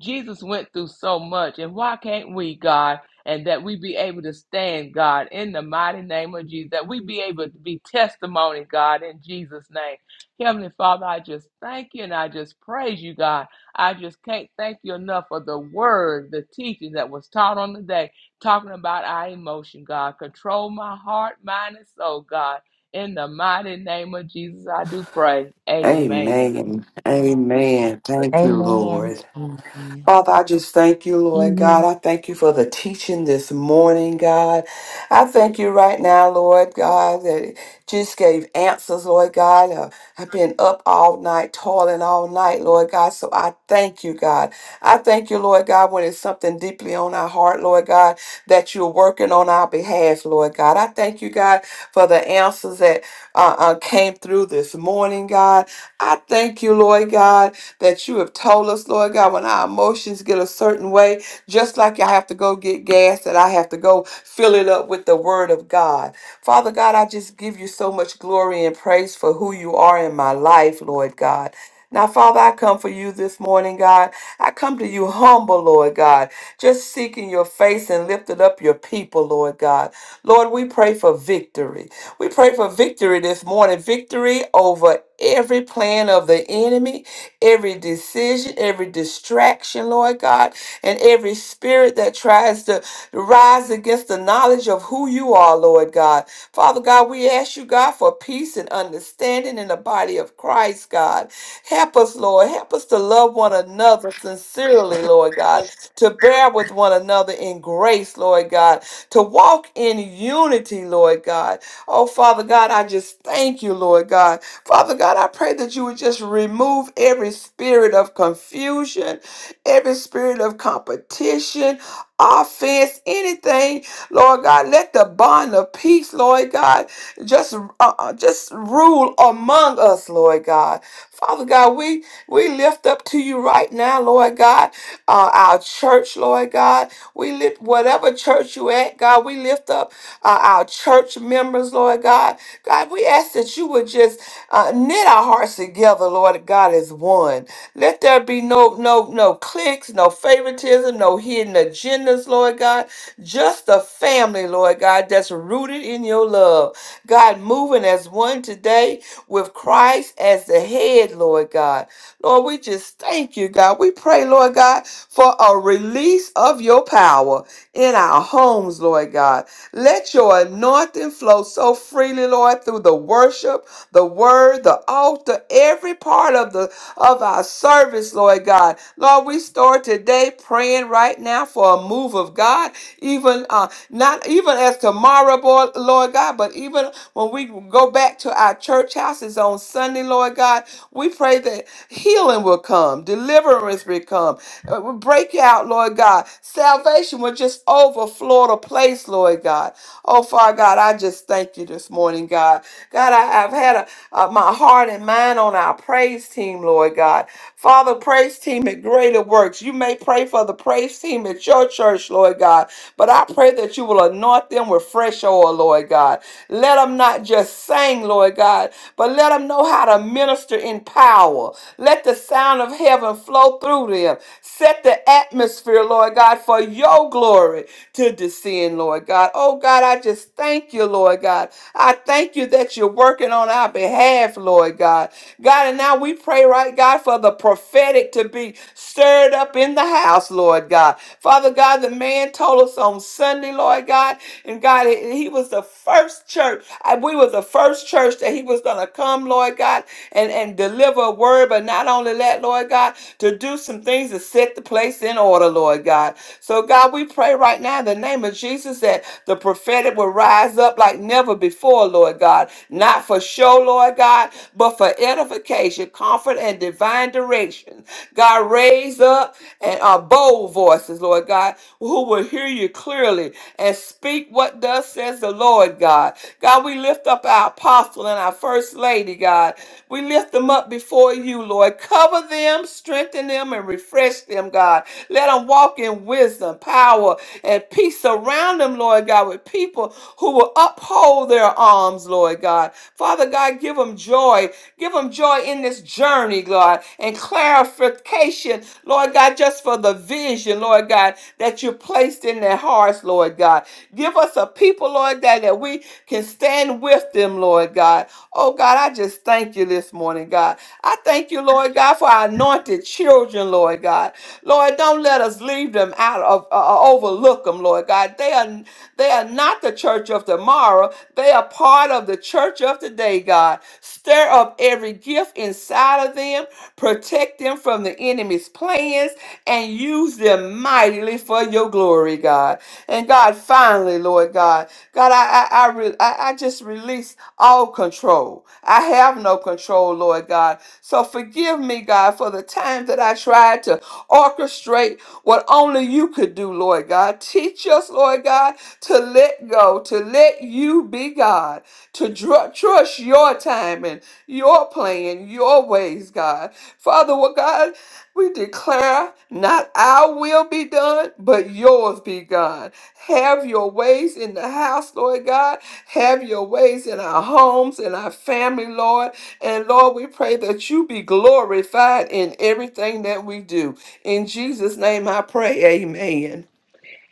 Jesus went through so much, and why can't we, God? And that we be able to stand, God, in the mighty name of Jesus, that we be able to be testimony, God, in Jesus' name. Heavenly Father, I just thank you and I just praise you, God. I just can't thank you enough for the word, the teaching that was taught on the day, talking about our emotion, God. Control my heart, mind, and soul, God in the mighty name of Jesus, I do pray. Amen.
Amen. Amen. Thank you,
Amen.
Amen.
Lord.
Mhm.
Father, I just thank you, Lord
Amen.
God. I thank you for the teaching this morning, God. I thank you right now, Lord God, that it just gave answers, Lord God. Uh, I've been up all night, toiling all night, Lord God. So I thank you, God. I thank you, Lord God, when it's something deeply on our heart, Lord God, that you're working on our behalf, Lord God. I thank you, God, for the answers that uh, uh, came through this morning, God. I thank you, Lord God that you have told us, Lord God, when our emotions get a certain way, just like I have to go get gas, that I have to go fill it up with the word of God. Father God, I just give you so much glory and praise for who you are in my life, Lord God. Now, Father, I come for you this morning, God. I come to you humble, Lord God, just seeking your face and lifting up your people, Lord God. Lord, we pray for victory. We pray for victory this morning, victory over every plan of the enemy every decision, every distraction, Lord God, and every spirit that tries to rise against the knowledge of who you are, Lord God. Father God, we ask you, God, for peace and understanding in the body of Christ, God. Help us, Lord. Help us to love one another sincerely, Lord God, to bear with one another in grace, Lord God, to walk in unity, Lord God. Oh, Father God, I just thank you, Lord God. Father God, I pray that you would just remove every spirit of confusion, every spirit of competition, offense, anything, Lord God. Let the bond of peace, Lord God, just uh, uh, just rule among us, Lord God. Father God, we we lift up to you right now, Lord God, uh, our church, Lord God. We lift whatever church you at, God. We lift up uh, our church members, Lord God. God, we ask that you would just uh, knit our hearts together, Lord God, as one. Let there be no no no cliques, no favoritism, no hidden agendas, Lord God. Just a family, Lord God, that's rooted in your love. God, moving as one today with Christ as the head, Lord God. Lord, we just thank you, God. We pray, Lord God, for a release of your power in our homes, Lord God. Let your anointing flow so freely, Lord, through the worship the word, the altar, every part of the of our service, Lord God. Lord, we start today praying right now for a move of God, even uh, not even as tomorrow, boy, Lord God, but even when we go back to our church houses on Sunday, Lord God, we pray that healing will come, deliverance will come, uh, will break out, Lord God. Salvation will just overflow the place, Lord God. Oh, Father God, I just thank you this morning, God. God, I, I've had a, uh, my heart and mind on our praise team, Lord God. Father, praise team at Greater Works. You may pray for the praise team at your church, Lord God, but I pray that you will anoint them with fresh oil, Lord God. Let them not just sing, Lord God, but let them know how to minister in power. Let the sound of heaven flow through them. Set the atmosphere, Lord God, for your glory to descend, Lord God. Oh God, I just thank you, Lord God. I thank you that you're working on our behalf, Lord God. God, and now we pray, right, God, for the prophetic to be stirred up in the house, Lord God. Father God, the man told us on Sunday, Lord God, and God, he he was the first church. I- We were the first church that he was going to come, Lord God, and, and deliver a word, but not only that, Lord God, to do some things to set the place in order, Lord God. So, God, we pray right now in the name of Jesus that the prophetic will rise up like never before, Lord God. Not for show, Lord God, but for edification, comfort, and divine direction. God, raise up and uh, bold voices, Lord God, who will hear you clearly and speak what thus says the Lord God. God, we lift up our apostle and our first lady, God. We lift them up before you, Lord. Cover them, strengthen them, and refresh them, God. Let them walk in wisdom, power, and peace. Surround them, Lord God, with people who will uphold their arms, Lord God. Father God, give them joy. Give them joy in this journey, God, and clarification, Lord God, just for the vision, Lord God, that you placed in their hearts, Lord God. Give us a people, Lord God, that we can stand with them, Lord God. Oh God, I just thank you this morning, God. I thank you, Lord God, for our anointed children, Lord God. Lord, don't let us leave them out of, uh, uh, overlook them, Lord God. They are, they are not the church of tomorrow. They are part of the church of today, God. Stir up every gift inside of them, protect them from the enemy's plans, and use them mightily for your glory, God. And God, finally, Lord God, God, I, I, I, re- I I just release all control. I have no control, Lord God. So forgive me, God, for the time that I tried to Orchestrate what only you could do, Lord God. Teach us, Lord God, to let go, to let you be God, to dr- trust your time and your plan, your ways, God. Father, what God, we declare not our will be done, but yours be done. Have your ways in the house, Lord God. Have your ways in our homes, in our family, Lord. And Lord, we pray that you be glorified in everything that we do. In Jesus' name I pray, amen.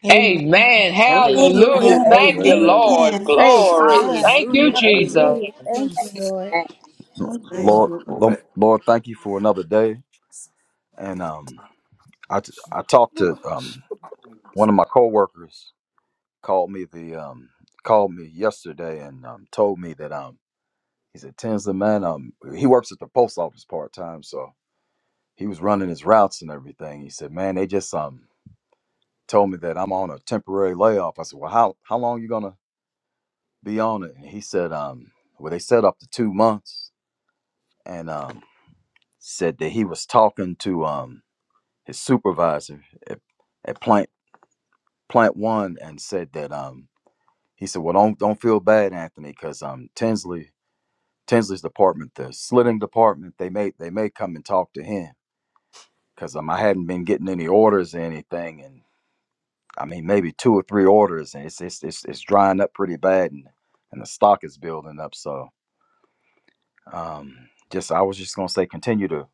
Amen.
Amen.
Thank
Hallelujah.
Hallelujah.
Amen.
Thank you,
Amen.
Amen.
Lord.
Amen.
you,
Praise
Glory.
God.
Jesus.
Thank you,
Hallelujah.
Hallelujah.
Jesus.
Hallelujah.
Amen.
Thank you,
Jesus.
Lord. Thank you,
Thank
Lord.
Lord,
you,
Lord,
Lord.
Lord, thank you for another day. And um, I t- I talked to um one of my coworkers called me the um called me yesterday and um told me that um he said Tinsley man um he works at the post office part time so he was running his routes and everything. He said man they just um told me that I'm on a temporary layoff. I said well how how long you gonna be on it? And he said um well they set up to two months and um said that he was talking to um his supervisor at, at plant plant one and said that um he said well don't don't feel bad Anthony because um Tinsley Tinsley's department the slitting department they may they may come and talk to him because um I hadn't been getting any orders or anything and I mean maybe two or three orders and it's it's it's, it's drying up pretty bad and and the stock is building up so um just I was just gonna say continue to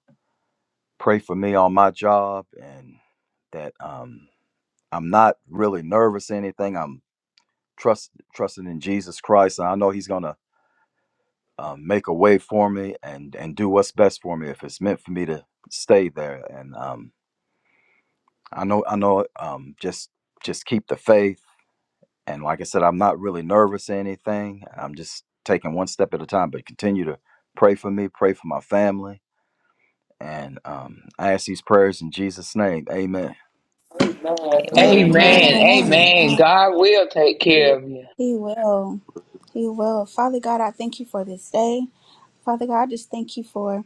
pray for me on my job and that um I'm not really nervous or anything I'm trust trusting in Jesus Christ. And I know He's gonna um, make a way for me and and do what's best for me if it's meant for me to stay there. And um, I know I know um, just just keep the faith. And like I said, I'm not really nervous or anything. I'm just taking one step at a time. But continue to pray for me, pray for my family, and um, I ask these prayers in Jesus' name. Amen.
Amen.
Amen.
Amen.
Amen.
Amen.
Amen.
Amen.
God will take
Yeah.
care of you.
He will. He will. Father God, I thank you for this day. Father God, I just thank you for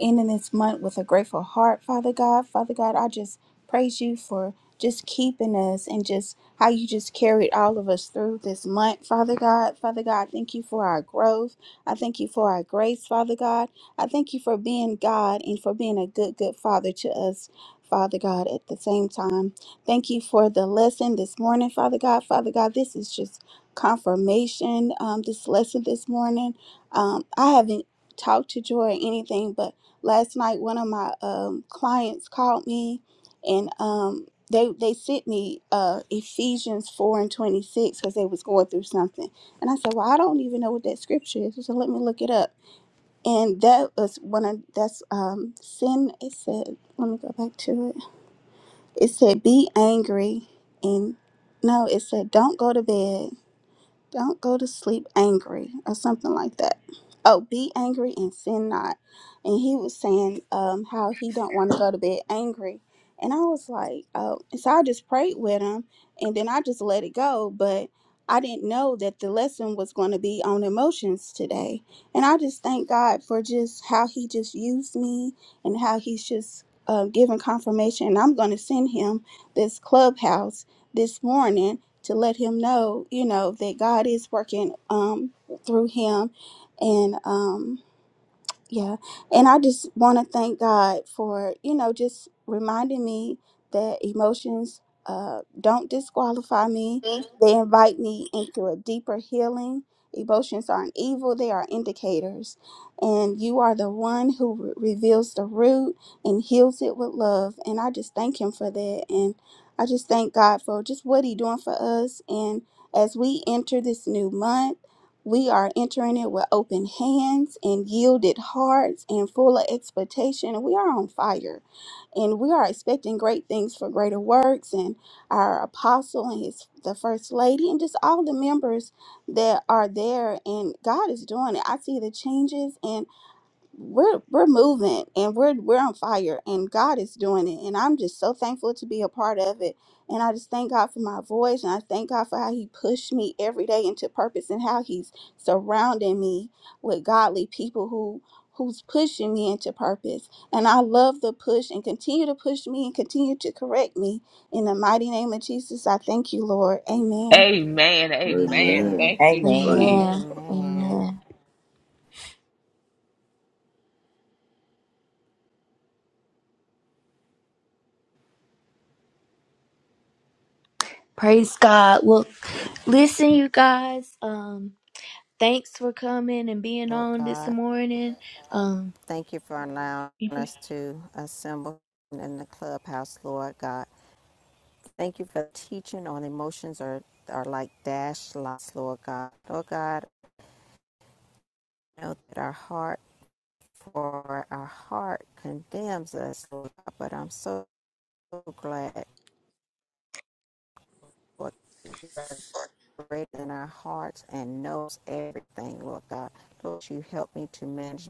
ending this month with a grateful heart, Father God. Father God, I just praise you for just keeping us and just how you just carried all of us through this month, Father God. Father God, thank you for our growth. I thank you for our grace, Father God. I thank you for being God and for being a good, good Father to us. Father God, at the same time, thank you for the lesson this morning, Father God. Father God, this is just confirmation. Um, this lesson this morning, um, I haven't talked to Joy or anything, but last night one of my um, clients called me and um, they they sent me uh, ephesians 4 and 26 because they was going through something and i said well i don't even know what that scripture is so let me look it up and that was one of that's um, sin it said let me go back to it it said be angry and no it said don't go to bed don't go to sleep angry or something like that. Oh, be angry and sin not. And he was saying um, how he don't want to go to bed angry. And I was like, oh, and so I just prayed with him and then I just let it go. But I didn't know that the lesson was going to be on emotions today. And I just thank God for just how he just used me and how he's just uh, giving confirmation. And I'm going to send him this clubhouse this morning to let him know, you know, that God is working um, through him, and um, yeah. And I just want to thank God for, you know, just reminding me that emotions uh, don't disqualify me. They invite me into a deeper healing. Emotions aren't evil, they are indicators. And you are the one who re- reveals the root and heals it with love. And I just thank Him for that. And I just thank God for just what He doing for us. And as we enter this new month, we are entering it with open hands and yielded hearts and full of expectation. We are on fire and we are expecting great things for greater works and our apostle and his the first lady and just all the members that are there and God is doing it. I see the changes and we're we're moving and we're we're on fire and God is doing it and I'm just so thankful to be a part of it and I just thank God for my voice and I thank God for how he pushed me every day into purpose and how he's surrounding me with godly people who who's pushing me into purpose and I love the push and continue to push me and continue to correct me in the mighty name of Jesus I thank you Lord amen
Amen. Amen.
Amen.
Amen.
Thank you,
Praise.
Amen.
Jesus.
Amen.
Amen.
Amen. Praise God. Well, listen, you guys. Um, thanks for coming and being
Lord
on this
God,
morning. Um,
thank you for allowing us to assemble in the clubhouse, Lord God. Thank you for teaching on emotions are, are like dash lights, Lord God. Lord God, I know that our heart for our heart condemns us, Lord God, but I'm so glad for greater than our hearts and knows everything, Lord God. Lord, you help me to manage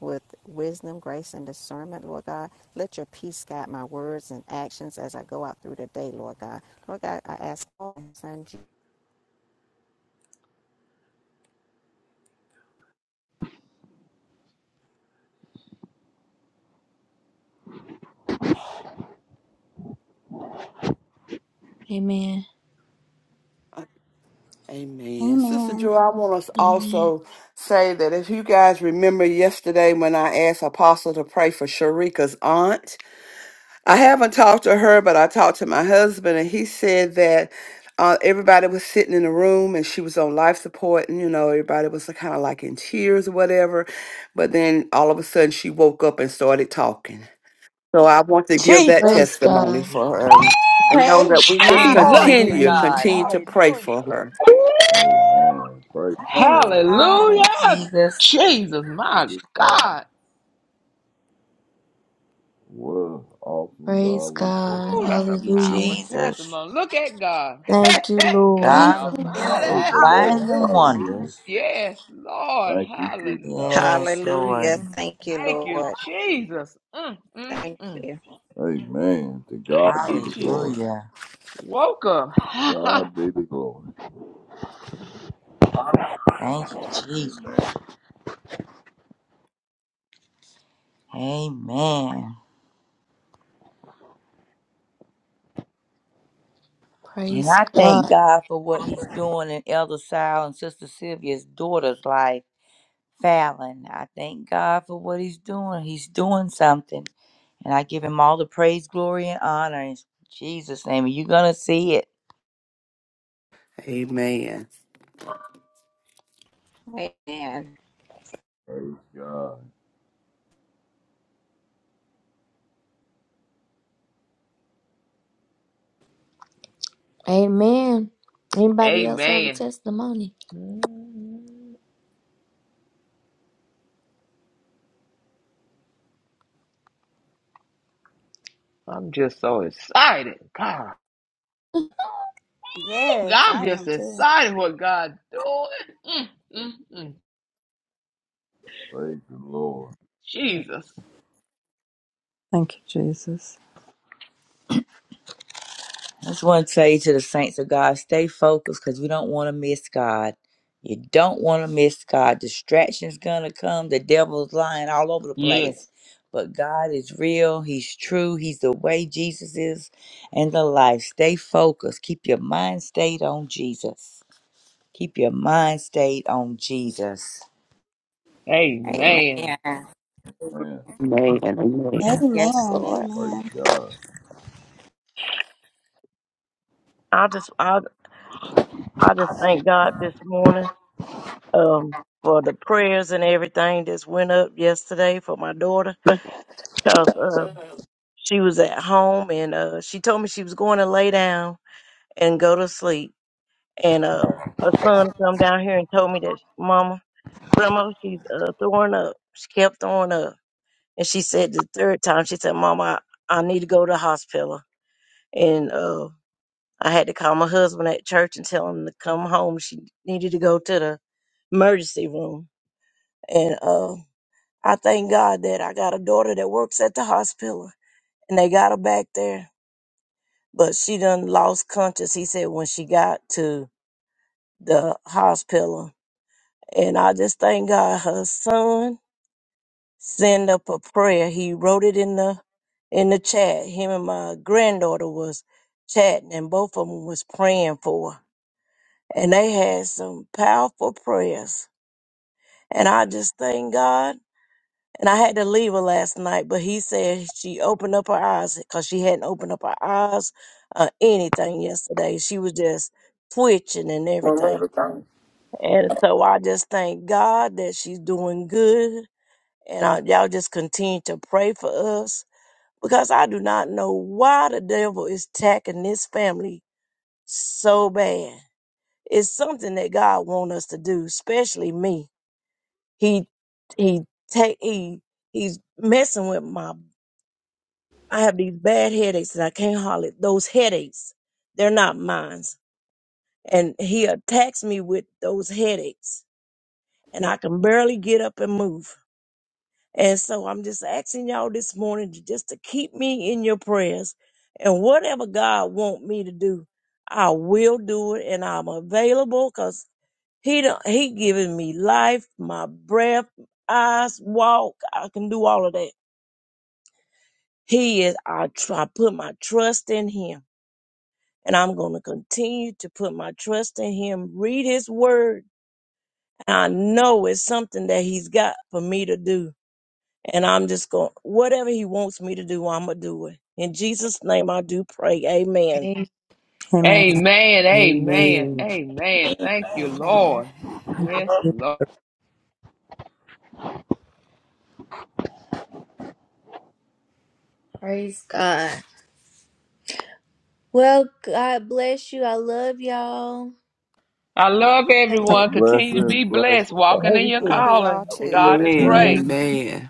with wisdom, grace, and discernment, Lord God. Let your peace guide my words and actions as I go out through the day, Lord God. Lord God, I ask all in your son Jesus.
amen.
Amen. Sister
amen
Joy, I want us
Amen.
also say that if you guys remember yesterday when I asked Apostle to pray for Sharika's aunt, I haven't talked to her, but I talked to my husband, and he said that uh, everybody was sitting in the room and she was on life support, and you know, everybody was kind of like in tears or whatever. But then all of a sudden, she woke up and started talking. So I want to give that
Praise
Jesus.
testimony
God.
for her and and know
praise
that we just
Lord,
Jesus.
God
Glory to
continue,
praise
hallelujah.
God.
continue
God
to pray
Hallelujah.
for her.
Woo!
Amen. Praise the
praise
Lord.
Thank you,
God
Hallelujah.
Jesus.
Jesus,
Look
my
at God.
God.
What an awesome God
Praise
we serve.
God.
Oh, that's a
Thank you,
powerful
Hallelujah.
Jesus.
testimony. Look at God.
Thank you,
God
Lord.
Thank
God of
you, Lord.
miracles,
Praise
Almighty.
the
signs,
Lord.
and
Hallelujah.
Hallelujah.
wonders.
Yes, Lord.
Thank you, Jesus.
Hallelujah.
Yes, Lord.
Hallelujah. Thank you,
Thank you,
Lord.
Jesus. Mm, mm,
Thank
mm.
you.
Amen. To God
Thank
be
you,
the
Jesus.
glory.
Hallelujah.
Welcome.
God be the glory.
Thank you, Jesus.
Amen.
Amen. And
Praise.
I thank God for what He's doing in Elder Sal and Sister Sylvia's daughter's life. Fallon. I thank God for what he's doing. He's doing something. And I give him all the praise, glory, and honor in Jesus' name. And you're going to see it.
Amen.
Amen.
Praise God.
Amen. Anybody else have a
Amen.
testimony?
Mm, I'm just so excited. God.
Yes,
I'm
I
just
am too.
excited what God doing. Mm, mm, mm.
Praise the Lord.
Jesus.
Thank you, Jesus.
I just want to tell you to the saints of God, stay focused because we don't want to miss God. You don't want to miss God. Distraction's going to come. The devil's lying all over the place.
Yes.
But God is real. He's true. He's the way Jesus is and the life. Stay focused. Keep your mind stayed on Jesus. Keep your mind stayed on Jesus.
Amen.
Amen.
Man.
Amen. Amen.
Yes,
Amen.
Lord.
Praise
Amen.
God.
I just I I just thank God this morning um for the prayers and everything that's went up yesterday for my daughter because uh, she was at home and uh, she told me she was going to lay down and go to sleep and uh, her son come down here and told me that Mama Grandma she's uh, throwing up she kept throwing up and she said the third time she said Mama I, I need to go to the hospital and uh, I had to call my husband at church and tell him to come home. She needed to go to the emergency room. And uh, I thank God that I got a daughter that works at the hospital and they got her back there. But she done lost conscious, he said, when she got to the hospital. And I just thank God her son sent up a prayer. He wrote it in the in the chat. Him and my granddaughter was chatting and both of them was praying for her and they had some powerful prayers. And I just thank God. And I had to leave her last night, but he said she opened up her eyes because she hadn't opened up her eyes uh, anything yesterday. She was just twitching and everything. And so I just thank God that she's doing good. And I, y'all just continue to pray for us because I do not know why the devil is attacking this family so bad. It's something that God wants us to do, especially me He he take he he's messing with my. I have these bad headaches and I can't hardly those headaches. They're not mine, and he attacks me with those headaches, and I can barely get up and move. And so I'm just asking y'all this morning to just to keep me in your prayers, and whatever God want me to do, I will do it, and I'm available because he don't, he giving me life, my breath, eyes, walk. I can do all of that. He is I, tr- I put my trust in him. And I'm going to continue to put my trust in him, read his word. And I know it's something that he's got for me to do. And I'm just going, whatever he wants me to do, I'm going to do it. In Jesus' name, I do pray. Amen.
Amen.
Amen.
Amen. Amen.
Amen.
Amen. Thank you,
Amen.
Lord. Yes, Lord.
Praise God. Well, God bless you. I love y'all.
I love
Have a good
everyone. Continue to
Blessings,
be blessed,
blessings.
walking
For
in your
I
everything.
love you all
calling.
Have a
too.
God is
Amen.
good day.
great.
Amen.
Amen.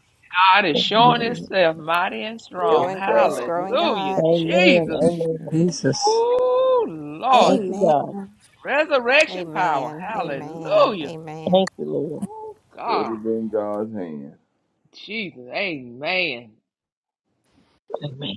God is showing
Amen.
Himself mighty and
Go
strong.
Trust
in grace,
God.
grow in
Amen.
Hallelujah.
God.
Jesus.
Amen.
Amen.
Jesus.
Ooh,
Thank you,
Lord.
God.
Amen.
Resurrection power.
Amen. Amen.
Hallelujah.
Amen.
Thank you, Lord.
Oh,
Put
God.
it in God's hand.
Jesus. Amen.
Amen.